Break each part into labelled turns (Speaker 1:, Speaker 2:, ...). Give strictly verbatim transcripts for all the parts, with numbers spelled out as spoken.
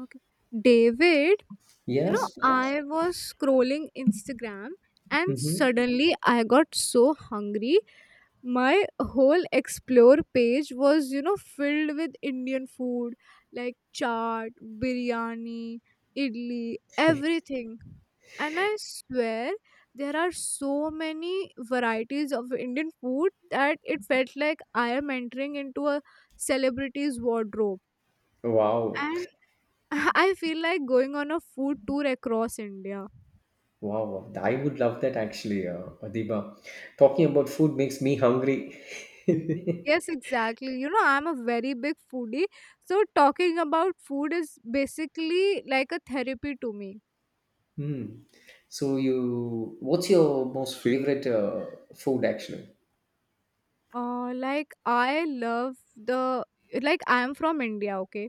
Speaker 1: Okay. David, you know,
Speaker 2: Yes.
Speaker 1: I was scrolling Instagram and
Speaker 2: Mm-hmm.
Speaker 1: suddenly I got so hungry. My whole explore page was, you know, filled with Indian food like chaat, biryani, idli, everything. And I swear there are so many varieties of Indian food that it felt like I am entering into a celebrity's wardrobe.
Speaker 2: Wow.
Speaker 1: I feel like going on a food tour across India.
Speaker 2: Wow, I would love that actually, uh, Adiba. Talking about food makes me hungry.
Speaker 1: Yes, exactly. You know, I'm a very big foodie. So, talking about food is basically like a therapy to me.
Speaker 2: Hmm. So you, what's your most favorite uh, food actually?
Speaker 1: Uh, like I love the like I am from India, okay,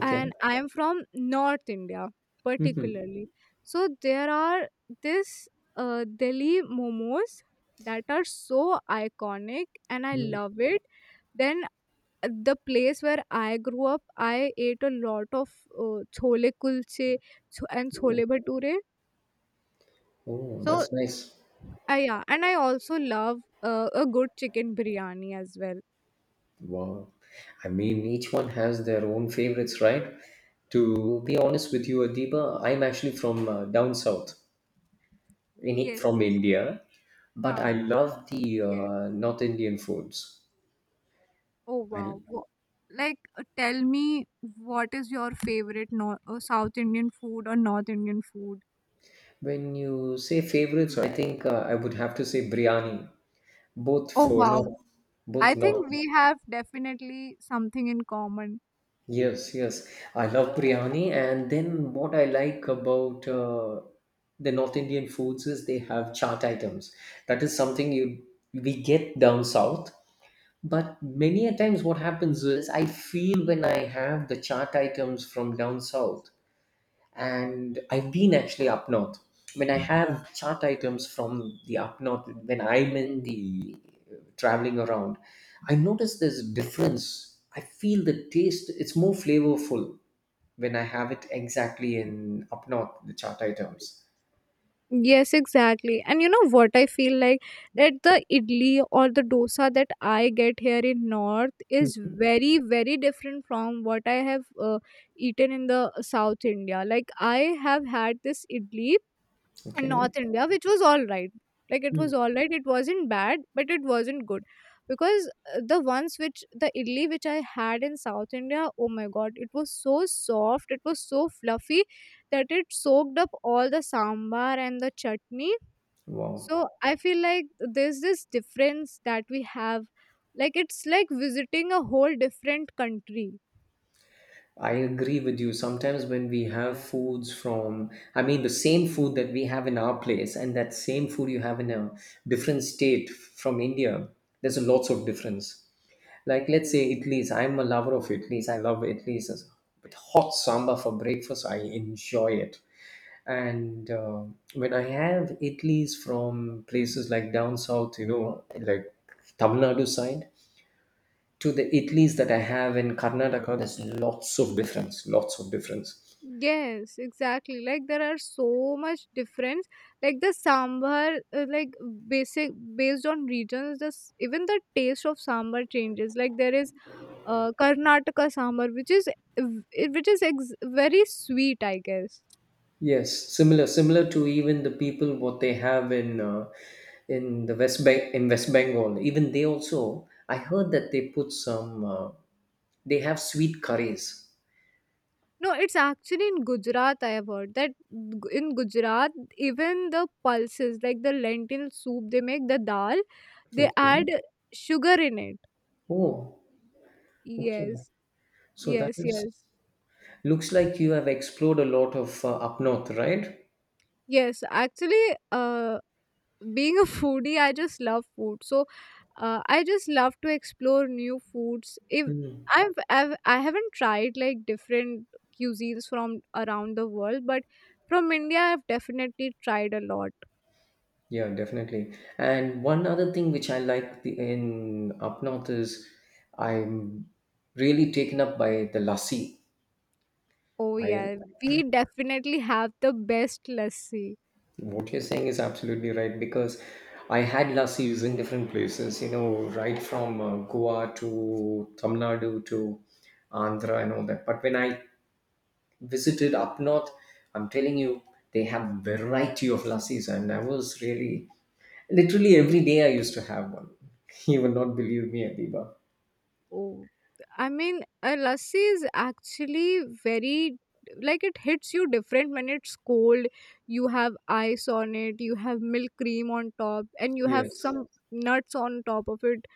Speaker 1: and I am from North India
Speaker 2: Mm-hmm.
Speaker 1: particularly. So there are this uh, Delhi momos that are so iconic, and I love it. Then uh, the place where I grew up, I ate a lot of uh, chole kulche cho- and chole
Speaker 2: Oh,
Speaker 1: bhature.
Speaker 2: oh, that's nice.
Speaker 1: Uh, yeah, and I also love uh, a good chicken biryani as well.
Speaker 2: Wow. I mean, each one has their own favorites, right? To be honest with you, Adiba, I'm actually from uh, down south, in,
Speaker 1: Yes.
Speaker 2: from India, but I
Speaker 1: Huh,
Speaker 2: love the
Speaker 1: yes.
Speaker 2: uh, North Indian foods.
Speaker 1: Oh wow.
Speaker 2: And
Speaker 1: Wha- Like uh, tell me what is your favorite North, uh, South Indian food or North Indian food?
Speaker 2: when you say favorites, I think uh, I would have to say biryani. Both
Speaker 1: Oh
Speaker 2: for
Speaker 1: wow.
Speaker 2: no, both
Speaker 1: I
Speaker 2: not.
Speaker 1: think we have definitely something in common.
Speaker 2: Yes, yes. I love biryani, and then what I like about uh, the North Indian foods is they have chaat items. That is something you we get down south. But many a times, what happens is I feel when I have the chaat items from down south, and I've been actually up north. When I have chart items from the up north, when I'm in the uh, traveling around, I notice this difference. I feel the taste, it's more flavorful when I have it exactly in up north, the chart items.
Speaker 1: Yes, exactly. And you know what I feel like that the idli or the dosa that I get here in north is
Speaker 2: Hmm.
Speaker 1: very very different from what I have uh, eaten in the South India. Like I have had this idli and
Speaker 2: Okay.
Speaker 1: North India, which was all right. Like it
Speaker 2: Mm.
Speaker 1: was all right. It wasn't bad, but it wasn't good because uh, the ones which the idli which I had in South India, oh my god, it was so soft, it was so fluffy that it soaked up all the sambar and the chutney.
Speaker 2: Wow.
Speaker 1: So I feel like there's this difference that we have. Like it's like visiting a whole different country.
Speaker 2: I agree with you. Sometimes when we have foods from, I mean, the same food that we have in our place and that same food you have in a different state from India, there's a lots of difference. Like, let's say Italy's, I'm a lover of Italy's. I love Italy's. With hot samba for breakfast, I enjoy it. And uh, When I have Italy's from places like down south, you know, like Tamil Nadu side, to the idlis that I have in Karnataka, there's lots of difference. Lots of difference.
Speaker 1: Yes, exactly. Like there are so much difference. Like the sambar, uh, like basic based on regions, this even the taste of sambar changes. Like there is uh, Karnataka sambar, which is ev- which is ex- very sweet, I guess.
Speaker 2: Yes, similar, similar to even the people what they have in uh, in the West Bank in West Bengal. Even they also, I heard that they put some. Uh, they have sweet curries.
Speaker 1: No, it's actually in Gujarat. I have heard that g- in Gujarat, even the pulses, like the lentil soup they make, the dal, they
Speaker 2: Okay.
Speaker 1: add sugar in it.
Speaker 2: Oh, okay.
Speaker 1: Yes,
Speaker 2: So that
Speaker 1: yes,
Speaker 2: is
Speaker 1: yes.
Speaker 2: looks like you have explored a lot of uh, up north, right?
Speaker 1: Yes, actually, uh, being a foodie, I just love food. So, uh, I just love to explore new foods. If
Speaker 2: Hmm.
Speaker 1: I've, I've I haven't tried like different cuisines from around the world, but from India, I've definitely tried a lot.
Speaker 2: Yeah, definitely. And one other thing which I like the, in up north is I'm really taken up by the lassi.
Speaker 1: Oh
Speaker 2: I
Speaker 1: yeah, we definitely have the best lassi.
Speaker 2: what you're saying is absolutely right because I had lassis in different places. You know, right from uh, Goa to Tamil Nadu to Andhra and all that. But when I visited up north, I'm telling you, they have variety of lassis, and I was really literally every day I used to have one. You will not believe me, Adiba.
Speaker 1: Oh, I mean, a lassi is actually very like it hits you different when it's cold. You have ice on it, you have milk cream on top, and you have
Speaker 2: Yes,
Speaker 1: some nuts on top of it.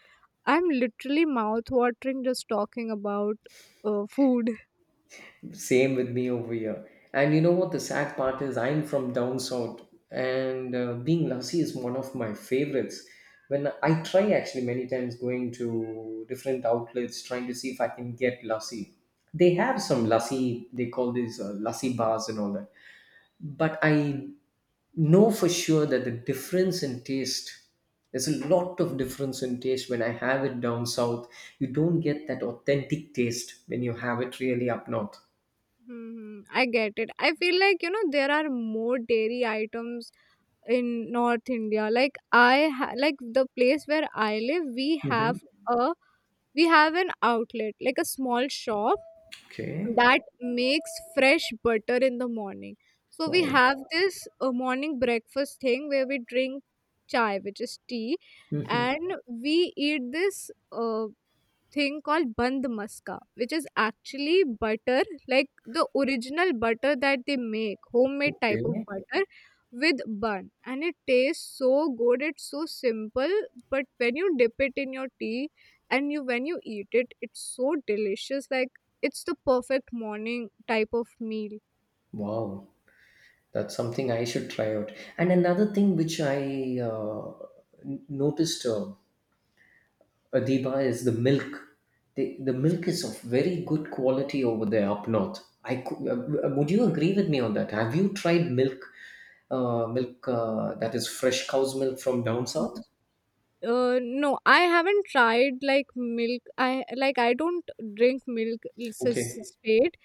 Speaker 1: I'm literally mouth watering just talking about uh, food.
Speaker 2: same with me over here. And you know what the sad part is? I'm from down south, and uh, being lassi is one of my favorites. When I try actually many times going to different outlets trying to see if I can get lassi. They have some lassi. They call these uh, lassi bars and all that. But I know for sure that the difference in taste. There's a lot of difference in taste when I have it down south. You don't get that authentic taste when you have it really up north.
Speaker 1: hmm I get it. I feel like you know there are more dairy items in North India. Like I ha- like the place where I live, we have
Speaker 2: Mhm.
Speaker 1: a we have an outlet like a small shop
Speaker 2: Okay.
Speaker 1: that makes fresh butter in the morning. So we
Speaker 2: Wow.
Speaker 1: have this uh, morning breakfast thing where we drink chai, which is tea,
Speaker 2: Mhm.
Speaker 1: and we eat this. Uh, thing called band maska which is actually butter like the original butter that they make homemade type of
Speaker 2: Okay.
Speaker 1: butter with bun, and it tastes so good. It's so simple, but when you dip it in your tea and you when you eat it, it's so delicious. Like it's the perfect morning type of meal.
Speaker 2: Wow, that's something I should try out. And another thing which I uh, n- noticed, uh, Adiba, is the milk. The, the milk is of very good quality over there up north. I cou- uh, uh, would you agree with me on that? Have you tried milk, uh, milk uh, that is fresh cow's milk from down south?
Speaker 1: Uh no, I haven't tried like milk. I, like, I don't drink milk s- s-
Speaker 2: Okay.
Speaker 1: straight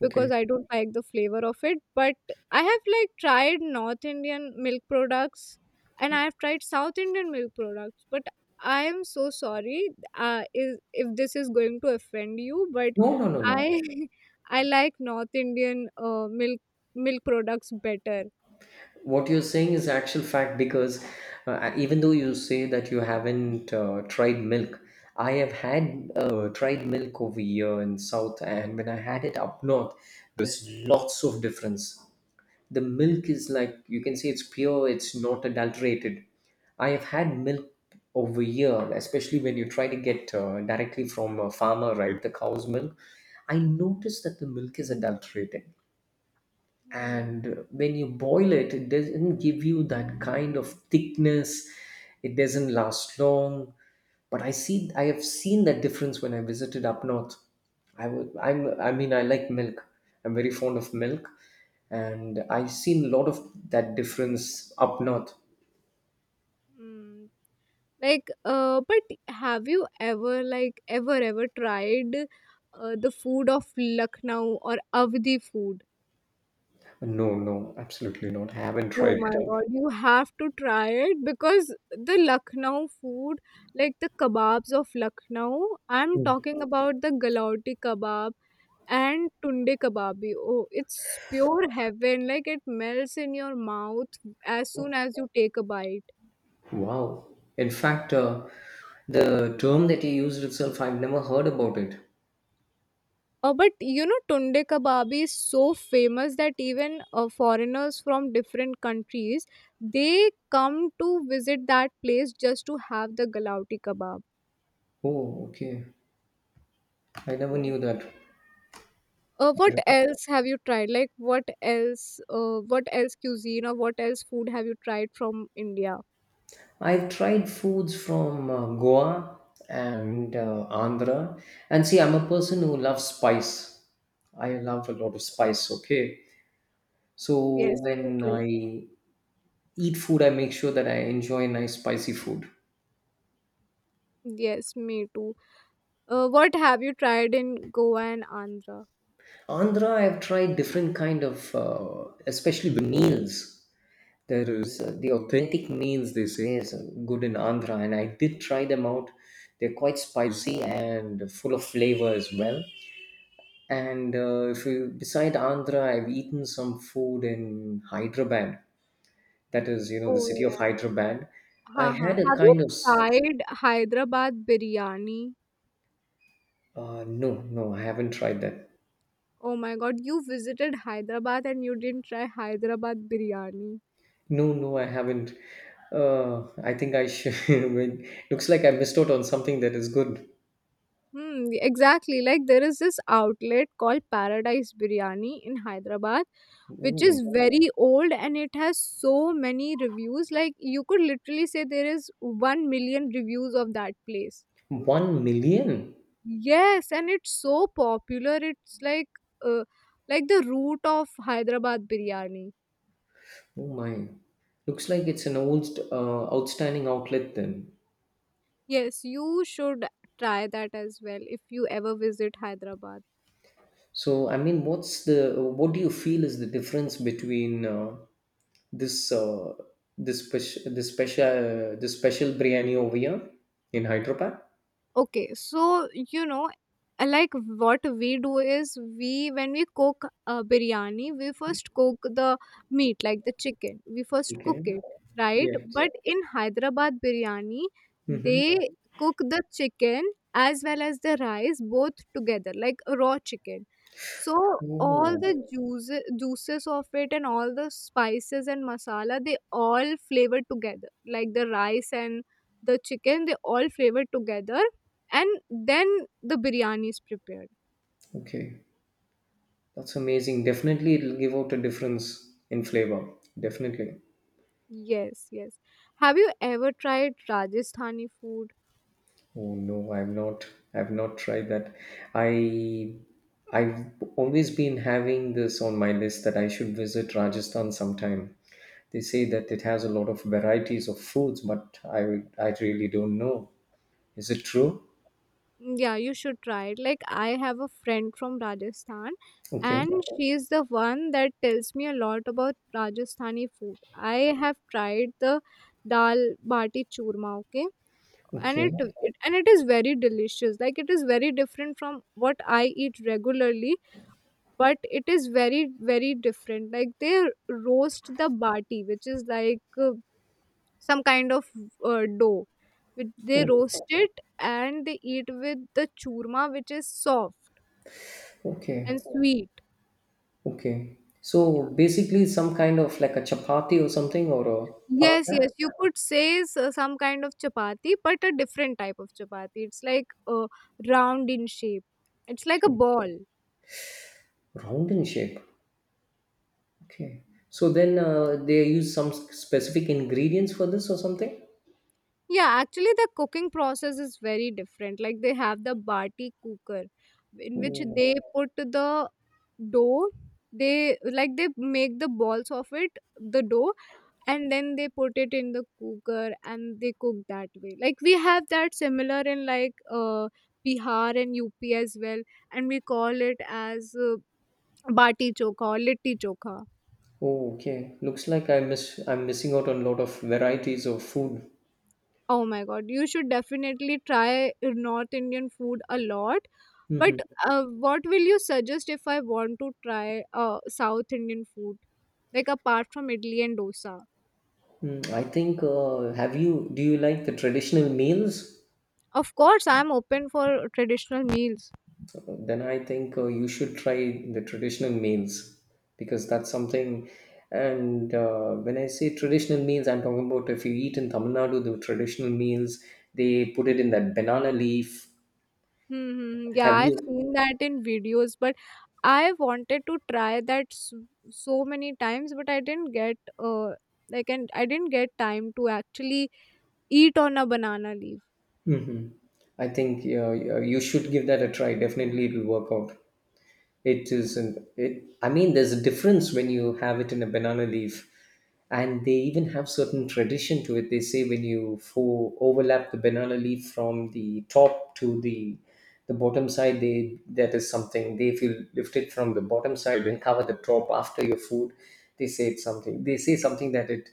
Speaker 1: because
Speaker 2: Okay.
Speaker 1: I don't like the flavor of it. But I have like tried North Indian milk products and I have tried South Indian milk products. But I am so sorry uh, is if this is going to offend you, but
Speaker 2: No, no, no, no.
Speaker 1: I I like North Indian uh, milk milk products better.
Speaker 2: What you're saying is actual fact because uh, even though you say that you haven't uh, tried milk, I have had uh, tried milk over here in south, and when I had it up north, there's lots of difference. The milk is, like, you can say it's pure, it's not adulterated. I have had milk over here, especially when you try to get uh, directly from a farmer, right, the cow's milk. I noticed that the milk is adulterated,
Speaker 1: Hmm.
Speaker 2: and when you boil it, it doesn't give you that kind of thickness. It doesn't last long. But I see I have seen that difference when I visited up north. I would i'm i mean I like milk. I'm very fond of milk, and I've seen a lot of that difference up north.
Speaker 1: Hmm. Like, uh, but have you ever like ever ever tried uh, the food of Lucknow or Avdi food?
Speaker 2: No, no, absolutely not, I haven't
Speaker 1: Oh
Speaker 2: tried it
Speaker 1: my
Speaker 2: out.
Speaker 1: god, you have to try it because the Lucknow food, like the kebabs of Lucknow, I'm
Speaker 2: Mm.
Speaker 1: talking about the Galauti kebab and tunde kebabi. Oh, it's pure heaven. Like it melts in your mouth as soon as you take a bite.
Speaker 2: Wow. In fact, uh, the term that you used itself, I've never heard about it.
Speaker 1: Uh, but you know, tunde kebabi is so famous that even uh, foreigners from different countries they come to visit that place just to have the Galauti kebab.
Speaker 2: Oh, okay. I never knew that.
Speaker 1: Uh, what else have you tried? Like, what else? Uh, what else cuisine or what else food have you tried from India?
Speaker 2: I've tried foods from uh, Goa and uh, Andhra. And see, I'm a person who loves spice. I love a lot of spice, okay?
Speaker 1: Yes,
Speaker 2: So
Speaker 1: me
Speaker 2: when
Speaker 1: too.
Speaker 2: I eat food, I make sure that I enjoy nice spicy food.
Speaker 1: Yes, me too. Uh, what have you tried in Goa and Andhra?
Speaker 2: Andhra, I've tried different kind of, uh, especially the meals. There is uh, the authentic meals. They say is uh, good in Andhra, and I did try them out. They're quite spicy and full of flavor as well. And uh, If you beside Andhra, I've eaten some food in Hyderabad. That is, you know, the
Speaker 1: Oh
Speaker 2: city of
Speaker 1: yeah.
Speaker 2: Hyderabad.
Speaker 1: Ha
Speaker 2: I
Speaker 1: ha.
Speaker 2: had a
Speaker 1: Have you
Speaker 2: kind of s-
Speaker 1: tried Hyderabad biryani?
Speaker 2: Uh, no, no, I haven't tried that.
Speaker 1: Oh my God, you visited Hyderabad and you didn't try Hyderabad biryani.
Speaker 2: No, no, I haven't. Uh, I think I should. Wait, looks like I missed out on something that is good.
Speaker 1: Hmm, exactly. Like there is this outlet called Paradise Biryani in Hyderabad, which
Speaker 2: Oh,
Speaker 1: is very old and it has so many reviews. Like you could literally say there is 1 million reviews of that place.
Speaker 2: one million.
Speaker 1: Yes, and it's so popular. It's like uh, like the root of Hyderabad biryani.
Speaker 2: Oh my. Looks like it's an old uh, outstanding outlet then.
Speaker 1: Yes, you should try that as well if you ever visit Hyderabad.
Speaker 2: So I mean, what's the what do you feel is the difference between uh, this uh, this special this special uh, this special biryani over here in Hyderabad.
Speaker 1: Okay, so you know, uh, like what we do is we when we cook uh, biryani, we first cook the meat like the chicken. We first cook
Speaker 2: Okay.
Speaker 1: it, right?
Speaker 2: Yes.
Speaker 1: But in Hyderabad biryani,
Speaker 2: Mm-hmm.
Speaker 1: they cook the chicken as well as the rice both together, like a raw chicken. So all
Speaker 2: Oh,
Speaker 1: the juices, juices of it and all the spices and masala, they all flavor together, like the rice and the chicken they all flavor together, and then the biryani is prepared.
Speaker 2: okay. That's amazing. Definitely, it'll give out a difference in flavor. Definitely.
Speaker 1: Yes, yes, have you ever tried Rajasthani food?
Speaker 2: Oh no, I've not. I've not tried that. I I've always been having this on my list that I should visit Rajasthan sometime. They say that it has a lot of varieties of foods, but I I really don't know. Is it true?
Speaker 1: Yeah, you should try it. Like I have a friend from Rajasthan,
Speaker 2: Okay,
Speaker 1: and she is the one that tells me a lot about Rajasthani food. I have tried the dal bati churma, okay, and it,
Speaker 2: okay.
Speaker 1: it and it is very delicious. Like it is very different from what I eat regularly, but it is very very different. Like they roast the bati, which is like uh, some kind of uh, dough. With- they
Speaker 2: Oh,
Speaker 1: roast it, and they eat with the churma, which is soft and
Speaker 2: okay,
Speaker 1: sweet.
Speaker 2: okay. So
Speaker 1: Yeah.
Speaker 2: basically some kind of like a chapati or something or a
Speaker 1: Yes,
Speaker 2: paratha?
Speaker 1: yes, you could say so- some kind of chapati but a different type of chapati. It's like uh, round in shape. It's like a
Speaker 2: Okay.
Speaker 1: ball.
Speaker 2: Round in shape. Okay. So then uh, they use some specific ingredients for this or something?
Speaker 1: Yeah, actually, the cooking process is very different. Like they have the bati cooker, in which
Speaker 2: Oh,
Speaker 1: they put the dough. They Like they make the balls of it, the dough, and then they put it in the cooker and they cook that way. Like we have that similar in like uh Bihar and U P as well, and we call it as uh, bati chokha or litti chokha.
Speaker 2: oh, okay. Looks like I miss I'm missing out on a lot of varieties of food.
Speaker 1: Oh my god, you should definitely try North Indian food a lot. But
Speaker 2: Mm-hmm.
Speaker 1: uh, what will you suggest if I want to try uh, South Indian food? Like apart from idli and dosa.
Speaker 2: I think uh, have you do you like the traditional meals?
Speaker 1: Of course, I'm open for traditional meals.
Speaker 2: Then I think uh, you should try the traditional meals because that's something. And uh, when I say traditional meals, I'm talking about if you eat in Tamil Nadu, the traditional meals they put it in that banana leaf.
Speaker 1: Mm-hmm. Yeah,
Speaker 2: Have
Speaker 1: I've
Speaker 2: you?
Speaker 1: seen that in videos, but I wanted to try that so, so many times, but I didn't get uh like and I didn't get time to actually eat on a banana leaf.
Speaker 2: Hmm, I think uh, you should give that a try. Definitely, it will work out. It isn't. It. I mean, there's a difference when you have it in a banana leaf, and they even have certain tradition to it. They say when you fo- overlap the banana leaf from the top to the the bottom side, they that is something. They if you lift it from the bottom side and cover the top after your food, they say it's something. They say something that it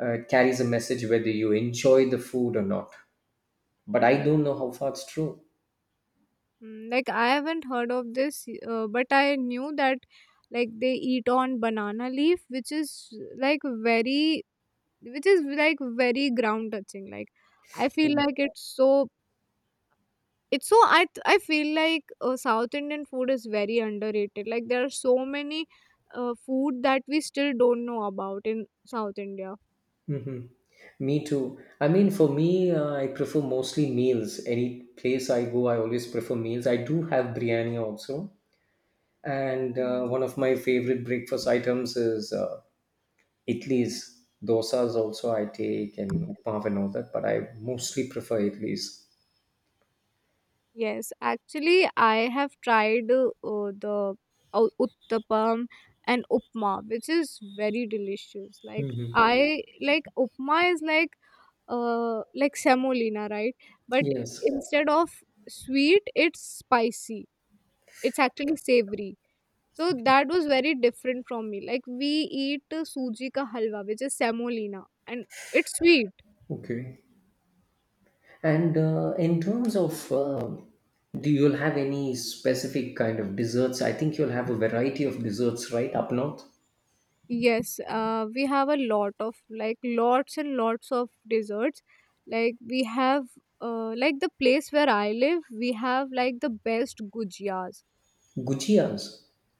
Speaker 2: uh, carries a message whether you enjoy the food or not. But I
Speaker 1: Mm-hmm.
Speaker 2: don't know how far it's true.
Speaker 1: Mm, like I haven't heard of this, uh, but I knew that like they eat on banana leaf, which is like very, which is like very ground touching. Like I feel like it's so, it's so. I th- I feel like uh, South Indian food is very underrated. Like there are so many uh, food that we still don't know about in South India.
Speaker 2: Hmm. Me too. I mean, for me, uh, I prefer mostly meals. Any place I go, I always prefer meals. I do have biryani also, and uh, one of my favorite breakfast items is uh, idlis. Dosas also I take and upma and all that, but I mostly prefer idlis.
Speaker 1: Yes, actually, I have tried uh, uh, the uh, uttapam and upma, which is very delicious. Like
Speaker 2: Hmm.
Speaker 1: I like upma is like uh like semolina, right? But
Speaker 2: Yes.
Speaker 1: instead of sweet, it's spicy. It's actually savory. So that was very different from me. Like we eat uh, suji ka halwa, which is semolina, and it's sweet.
Speaker 2: Okay. And uh, in terms of, uh, do you have any specific kind of desserts? I think you'll have a variety of desserts, right, up north?
Speaker 1: Yes, uh, we have a lot of like lots and lots of desserts. Like we have uh, like the place where I live, we have like the best gujiyas.
Speaker 2: Gujias.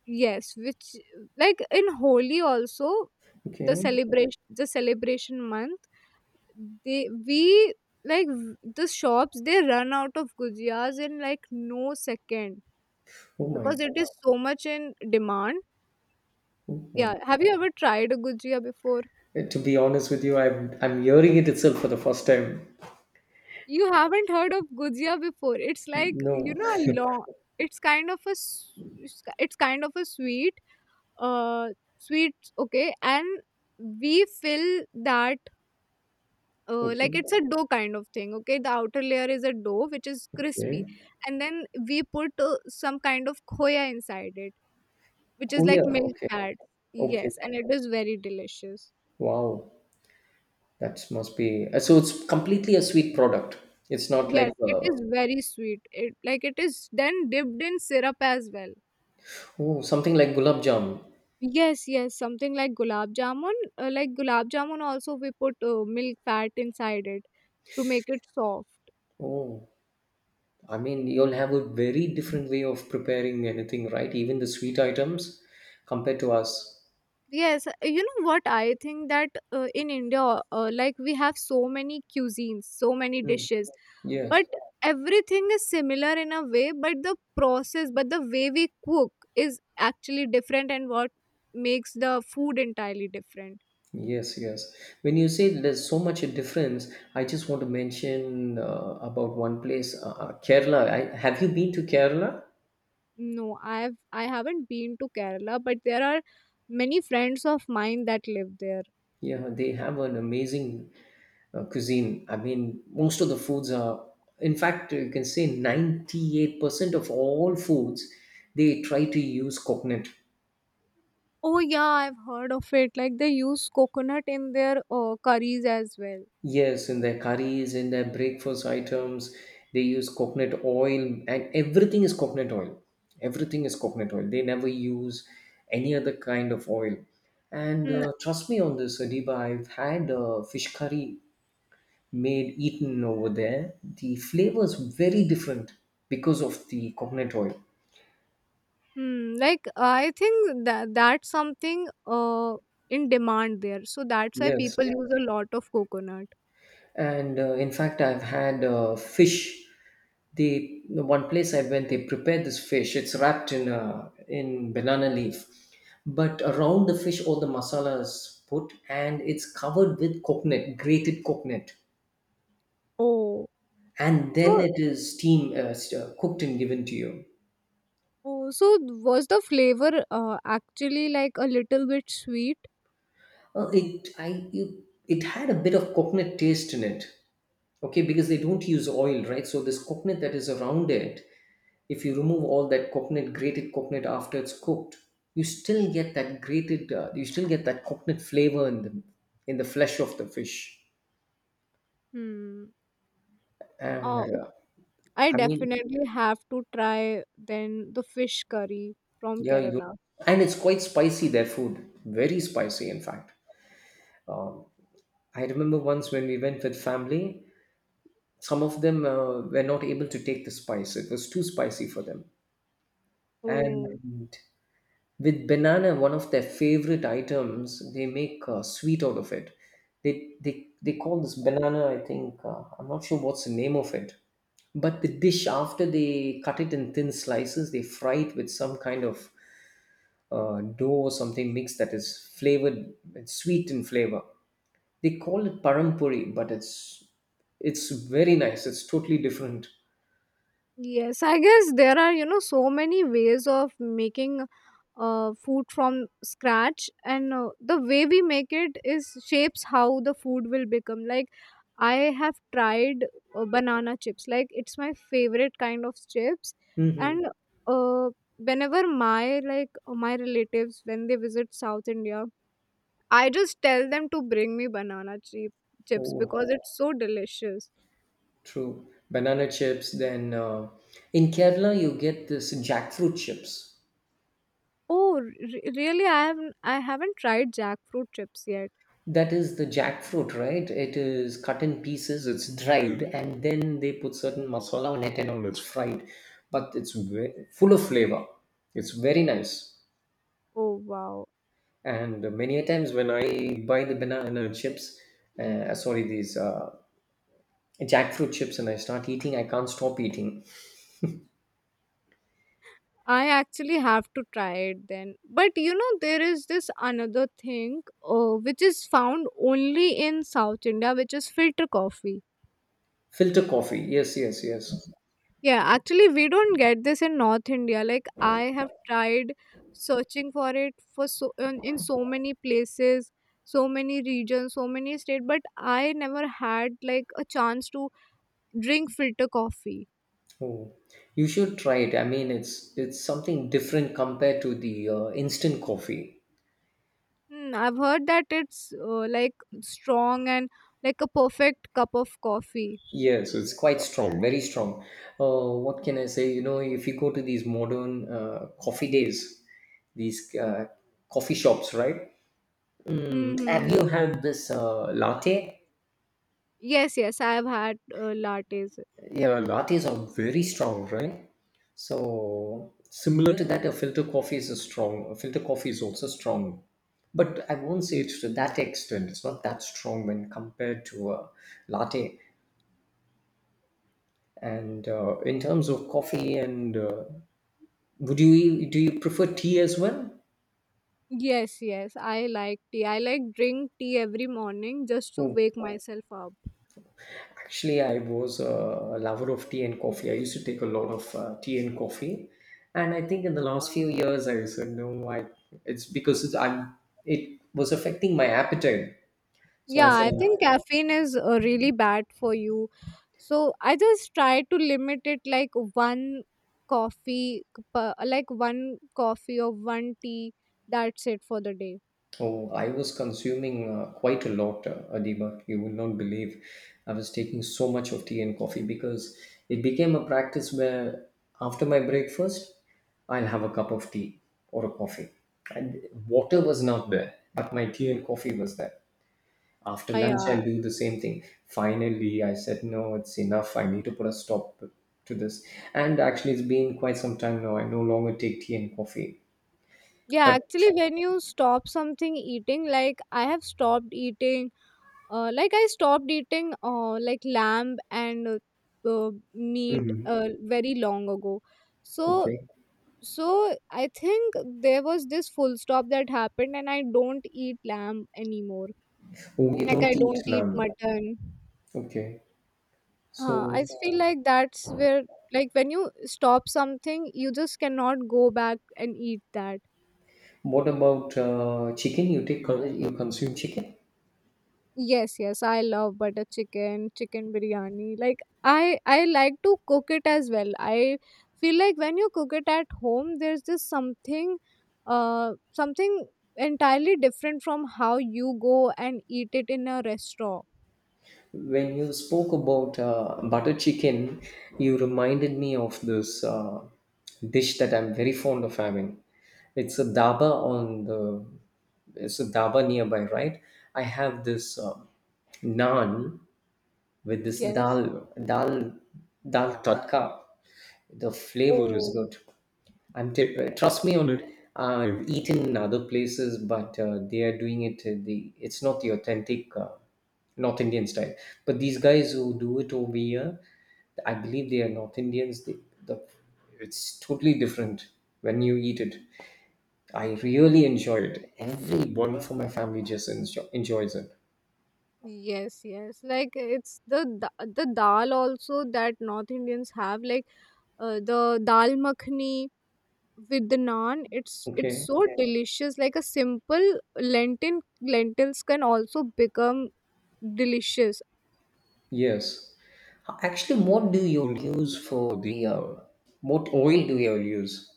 Speaker 1: Yes, which like in Holi also the
Speaker 2: Okay.
Speaker 1: celebration the celebration month they we like v- the shops they run out of gujiyas in like no second
Speaker 2: Oh my.
Speaker 1: because it is so much in demand.
Speaker 2: Oh, oh.
Speaker 1: Yeah, have you ever tried a gujiya before?
Speaker 2: Uh, to be honest with you, I'm I'm hearing it itself for the first time.
Speaker 1: You haven't heard of gujia before. It's like, you
Speaker 2: No.
Speaker 1: know, a long it's kind of a s- it's ki- it's kind of a sweet uh sweet, okay? And we fill that uh, like
Speaker 2: Okay.
Speaker 1: it's a dough kind of thing, okay? The outer layer is a dough which is crispy,
Speaker 2: Okay.
Speaker 1: and then we put uh, some kind of khoya inside it, which is like
Speaker 2: Kuya.
Speaker 1: milk
Speaker 2: Okay.
Speaker 1: fat.
Speaker 2: Okay.
Speaker 1: Yes, and it is very delicious.
Speaker 2: Wow. That must be. Uh, so it's completely a sweet product. It's not
Speaker 1: Yes,
Speaker 2: like
Speaker 1: it
Speaker 2: uh,
Speaker 1: is very sweet. It like it is then dipped in syrup as well.
Speaker 2: oh, something like gulab jam.
Speaker 1: Yes, yes, something like gulab jamun. Uh, like gulab jamun, also we put uh, milk fat inside it to make it soft.
Speaker 2: Oh, I mean you'll have a very different way of preparing anything, right? Even the sweet items compared to us.
Speaker 1: Yes, uh, you know what? I think that uh, in India, uh, like we have so many cuisines, so many
Speaker 2: Mm.
Speaker 1: dishes, but
Speaker 2: Yes.
Speaker 1: everything is similar in a way, but the process, but the way we cook is actually different, and what makes the food entirely different.
Speaker 2: Yes, yes. When you say there's so much a difference, I just want to mention uh, about one place, uh, uh, Kerala. I, have you been to Kerala?
Speaker 1: No, I've I haven't been to Kerala, but there are many friends of mine that live there.
Speaker 2: Yeah, they have an amazing uh, cuisine. I mean, most of the foods are, in fact, you can say ninety-eight percent of all foods, they try to use coconut.
Speaker 1: Oh yeah, I've heard of it. Like they use coconut in their uh, curries as well.
Speaker 2: Yes, in their curries, in their breakfast items, they use coconut oil, and everything is coconut oil. Everything is coconut oil. They never use any other kind of oil. And
Speaker 1: Hmm.
Speaker 2: uh, trust me on this, Adiba, I've had uh, fish curry made eaten over there. The flavor is very different because of the coconut oil.
Speaker 1: Hmm. Like I think that that's something uh in demand there. So that's why people
Speaker 2: Yes.
Speaker 1: use a lot of coconut.
Speaker 2: and uh, In fact, I've had uh, fish, the, the one place I went, they prepared this fish. It's wrapped in uh, in banana leaf, but around the fish all the masalas put, and it's covered with coconut, grated coconut,
Speaker 1: Oh.
Speaker 2: and then
Speaker 1: So
Speaker 2: it is steam uh, s- uh, cooked and given to you.
Speaker 1: oh, so was the flavor uh, actually like a little bit sweet?
Speaker 2: Uh, it I you, It had a bit of coconut taste in it, okay, because they don't use oil, right? So this coconut that is around it, if you remove all that coconut, grated coconut, after it's cooked, you still get that grated uh, you still get that coconut flavor in the in the flesh of the fish.
Speaker 1: Hmm. Oh,
Speaker 2: and uh,
Speaker 1: I
Speaker 2: i mean
Speaker 1: definitely have to try then the fish curry from
Speaker 2: yeah, you
Speaker 1: Kerala.
Speaker 2: and it's quite spicy. Their food very spicy, in fact. um, I remember once when we went with family, some of them uh, were not able to take the spice. It was too spicy for them.
Speaker 1: Oh.
Speaker 2: And with banana, one of their favorite items, they make uh, sweet out of it. They they they call this banana, I think, uh, I'm not sure what's the name of it, but the dish, after they cut it in thin slices, they fry it with some kind of uh, dough or something mix that is flavored. It's sweet in flavor. They call it parampuri, but it's it's very nice. It's totally different.
Speaker 1: Yes, I guess there are, you know, so many ways of making uh, food from scratch, and uh, the way we make it is shapes how the food will become. Like, I have tried uh, banana chips, like, it's my favorite kind of chips,
Speaker 2: Hmm.
Speaker 1: and uh, whenever my like uh, my relatives when they visit South India, I just tell them to bring me banana chip chips
Speaker 2: Oh,
Speaker 1: because it's so delicious.
Speaker 2: true. Banana chips. Then uh, in Kerala, you get this jackfruit chips.
Speaker 1: Oh, re- really? I haven't I haven't tried jackfruit chips yet.
Speaker 2: That is the jackfruit, right? It is cut in pieces, it's dried, and then they put certain masala on it and all. It's fried, but it's ve- full of flavor. It's very nice.
Speaker 1: Oh wow.
Speaker 2: And many a times when I buy the banana chips, uh, sorry, these uh, jackfruit chips, and I start eating, I can't stop eating.
Speaker 1: I actually have to try it then. But you know there is this another thing uh, which is found only in South India which is filter coffee.
Speaker 2: Filter coffee. Yes, yes, yes.
Speaker 1: Yeah, actually we don't get this in North India. Like I have tried searching for it for so in, in so many places, so many regions, so many states, but I never had like a chance to drink filter coffee.
Speaker 2: Oh, you should try it. I mean, it's it's something different compared to the uh, instant coffee.
Speaker 1: Hmm, I've heard that it's uh, like strong and like a perfect cup of coffee.
Speaker 2: Yes, it's quite strong, very strong. Uh, what can I say? You know, if you go to these modern uh, coffee days, these uh, coffee shops, right? Mm, have
Speaker 1: Hmm.
Speaker 2: you had this uh, latte?
Speaker 1: Yes, yes, I have had uh, lattes.
Speaker 2: Yeah, lattes are very strong, right? So similar to that, a filter coffee is a strong. A filter coffee is also strong, but I won't say it's to that extent. It's not that strong when compared to a latte. And uh, In terms of coffee, and uh, would you e, do you prefer tea as well?
Speaker 1: Yes, yes, I like tea. I like drink tea every morning just to wake myself up.
Speaker 2: Actually, I was a lover of tea and coffee. I used to take a lot of uh, tea and coffee, and I think in the last few years, I said no. I it's because it's, I'm it was affecting my appetite. So I
Speaker 1: Yeah,
Speaker 2: said,
Speaker 1: I think caffeine is uh, really bad for you. So I just try to limit it like one coffee, per- like one coffee or one tea. That's it for the day.
Speaker 2: oh, I was consuming uh, quite a lot, uh, Adiba. You would not believe I was taking so much of tea and coffee because it became a practice where after my breakfast, I'll have a cup of tea or a coffee, and water was not there, but my tea and coffee was there. After
Speaker 1: Uh,
Speaker 2: lunch,
Speaker 1: yeah,
Speaker 2: I'll do the same thing. Finally, I said, no, it's enough. I need to put a stop to this. And actually, it's been quite some time now. I no longer take tea and coffee.
Speaker 1: Yeah,
Speaker 2: But,
Speaker 1: actually, when you stop something eating, like I have stopped eating, uh, like I stopped eating, uh, like lamb and uh, uh, meat,
Speaker 2: mhm,
Speaker 1: uh, very long ago. So,
Speaker 2: okay.
Speaker 1: so I think there was this full stop that happened, and I don't eat lamb anymore.
Speaker 2: Oh, you
Speaker 1: Like I
Speaker 2: don't eat
Speaker 1: don't eat
Speaker 2: lamb.
Speaker 1: mutton.
Speaker 2: Okay.
Speaker 1: Uh, I
Speaker 2: So,
Speaker 1: just feel like that's where, like, when you stop something, you just cannot go back and eat that.
Speaker 2: what about uh, chicken? You take, you consume chicken?
Speaker 1: Yes, yes, I love butter chicken, chicken biryani. Like I I like to cook it as well. I feel like when you cook it at home there's just something uh something entirely different from how you go and eat it in a restaurant.
Speaker 2: When you spoke about uh, butter chicken, you reminded me of this uh, dish that I'm very fond of having. It's a dhaba on the, it's a dhaba nearby, right? I have this uh, naan with this
Speaker 1: Yes.
Speaker 2: dal dal dal tadka. The flavor is
Speaker 1: Oh.
Speaker 2: good. I'm t- trust me on it. I've eaten in other places, but uh, they are doing it. uh, The it's not the authentic uh, North Indian style. But these guys who do it over here, I believe they are North Indians. They, the it's totally different when you eat it. I really enjoy it. Everyone from my family just enjoy, enjoys it.
Speaker 1: Yes, yes. Like it's the da- the dal also that North Indians have like uh, the dal makhni with the naan, it's it's
Speaker 2: Okay.
Speaker 1: so, okay, delicious, like a simple lentil lentils can also become delicious.
Speaker 2: Yes. Actually, what do you use for the uh, what oil do you use?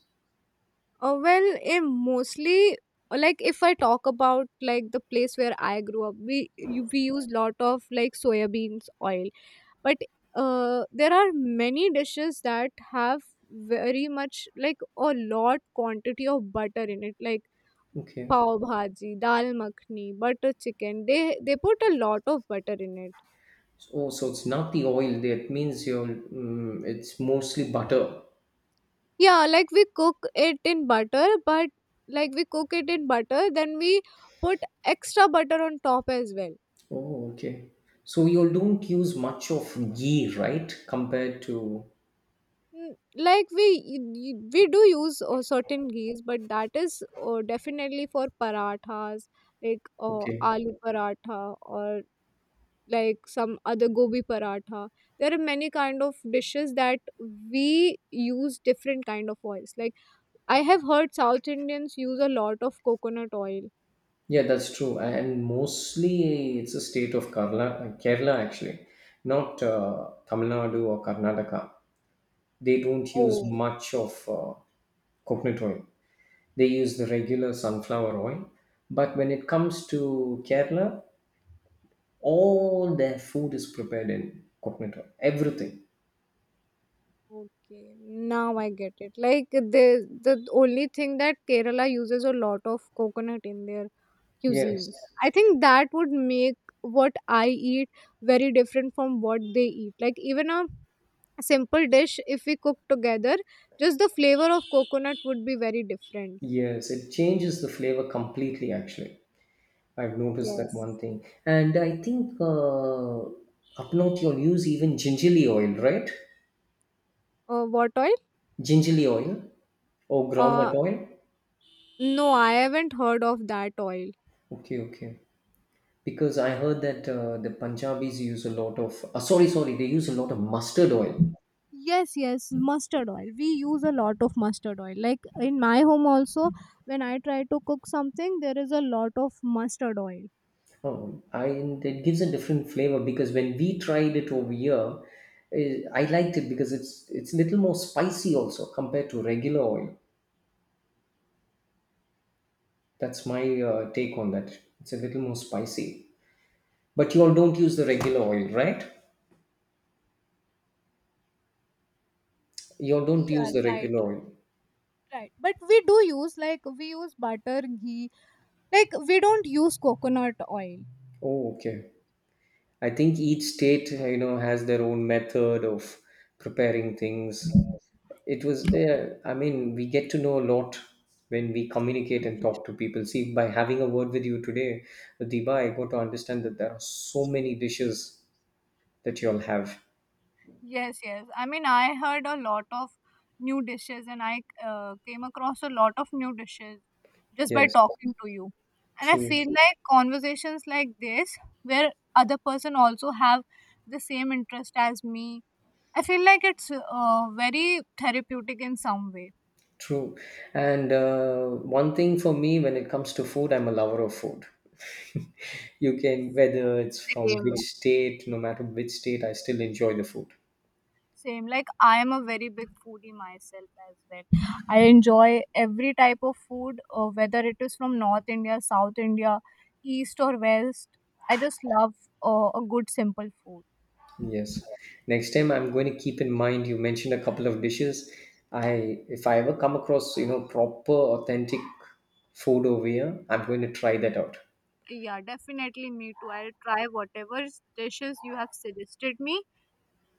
Speaker 1: uh, well eh, Mostly uh, like if I talk about like the place where I grew up, we you- we use lot of like soya beans oil, but uh, there are many dishes that have very much like a lot quantity of butter in it, like
Speaker 2: Okay.
Speaker 1: pav bhaji, dal makhni, butter chicken. They they put a lot of butter in it.
Speaker 2: Oh, so it's not the oil. That means you're mm it's mostly butter.
Speaker 1: Yeah, like we cook it in butter, but like we cook it in butter then we put extra butter on top as well.
Speaker 2: Oh, okay. So you don't use much of ghee, right? Compared to
Speaker 1: N- like we y- y- we do use uh, certain ghee, but that is uh, definitely for parathas, like uh,
Speaker 2: okay.
Speaker 1: aloo paratha or like some other gobi paratha. There are many kind of dishes that we use different kind of oils. Like I have heard South Indians use a lot of coconut oil.
Speaker 2: Yeah, that's true. And mostly it's a state of Kerala, Kerala actually, not uh, Tamil Nadu or Karnataka. They don't use
Speaker 1: Oh.
Speaker 2: much of uh, coconut oil. They use the regular sunflower oil. But when it comes to Kerala, all their food is prepared in coconut oil. Everything.
Speaker 1: Okay, now I get it. Like the the only thing that Kerala uses a lot of coconut in their cuisines.
Speaker 2: Yes.
Speaker 1: I think that would make what I eat very different from what they eat. Like even a simple dish, if we cook together, just the flavor of coconut would be very different.
Speaker 2: Yes. It changes the flavor completely, actually. I've noticed
Speaker 1: Yes.
Speaker 2: that one thing. And I think uh, up north you'll use even gingerly oil, right?
Speaker 1: Uh, what oil?
Speaker 2: Gingerly oil or
Speaker 1: Uh,
Speaker 2: groundnut oil.
Speaker 1: no, I haven't heard of that oil.
Speaker 2: Okay, okay. Because I heard that uh, the Punjabis use a lot of, uh, sorry, sorry, they use a lot of mustard oil.
Speaker 1: Yes, yes, mustard oil. We use a lot of mustard oil. Like in my home also, when I try to cook something, there is a lot of mustard oil.
Speaker 2: Oh, I and it gives a different flavor because when we tried it over here, eh, I liked it because it's it's a little more spicy also compared to regular oil. That's my uh, take on that. It's a little more spicy. But you all don't use the regular oil, right? You all don't
Speaker 1: Yeah,
Speaker 2: use the
Speaker 1: right,
Speaker 2: regular
Speaker 1: right,
Speaker 2: oil.
Speaker 1: right. But we do use, like we use butter, ghee. Like we don't use coconut oil.
Speaker 2: Oh, okay. I think each state, you know, has their own method of preparing things. It was, uh, I mean, we get to know a lot when we communicate and talk to people. See, by having a word with you today, Diba, I got to understand that there are so many dishes that you all have.
Speaker 1: Yes, yes. I mean, I heard a lot of new dishes and I uh, came across a lot of new dishes just by
Speaker 2: Yes,
Speaker 1: talking to you. And I feel
Speaker 2: true,
Speaker 1: like conversations like this, where other person also have the same interest as me, I feel like it's uh, very therapeutic in some way.
Speaker 2: true. And uh, One thing for me when it comes to food, I'm a lover of food. You can, whether it's from
Speaker 1: Same.
Speaker 2: which state, no matter which state, I still enjoy the food.
Speaker 1: Same. Like I am a very big foodie myself as well. I enjoy every type of food, uh, whether it is from North India, South India, East or West. I just love uh, a good simple food.
Speaker 2: Yes. Next time I'm going to keep in mind you mentioned a couple of dishes. I if I ever come across, you know, proper authentic food over here, I'm going to try that out.
Speaker 1: Yeah, definitely me too. I'll try whatever dishes you have suggested me,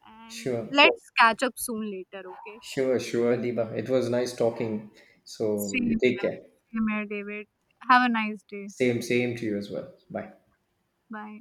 Speaker 1: and
Speaker 2: Sure.
Speaker 1: let's catch up soon later. Okay.
Speaker 2: Sure, sure, Diba. It was nice talking. So
Speaker 1: Same
Speaker 2: you
Speaker 1: here.
Speaker 2: take care.
Speaker 1: Same here, David. Have a nice day.
Speaker 2: Same, same to you as well. Bye.
Speaker 1: Bye.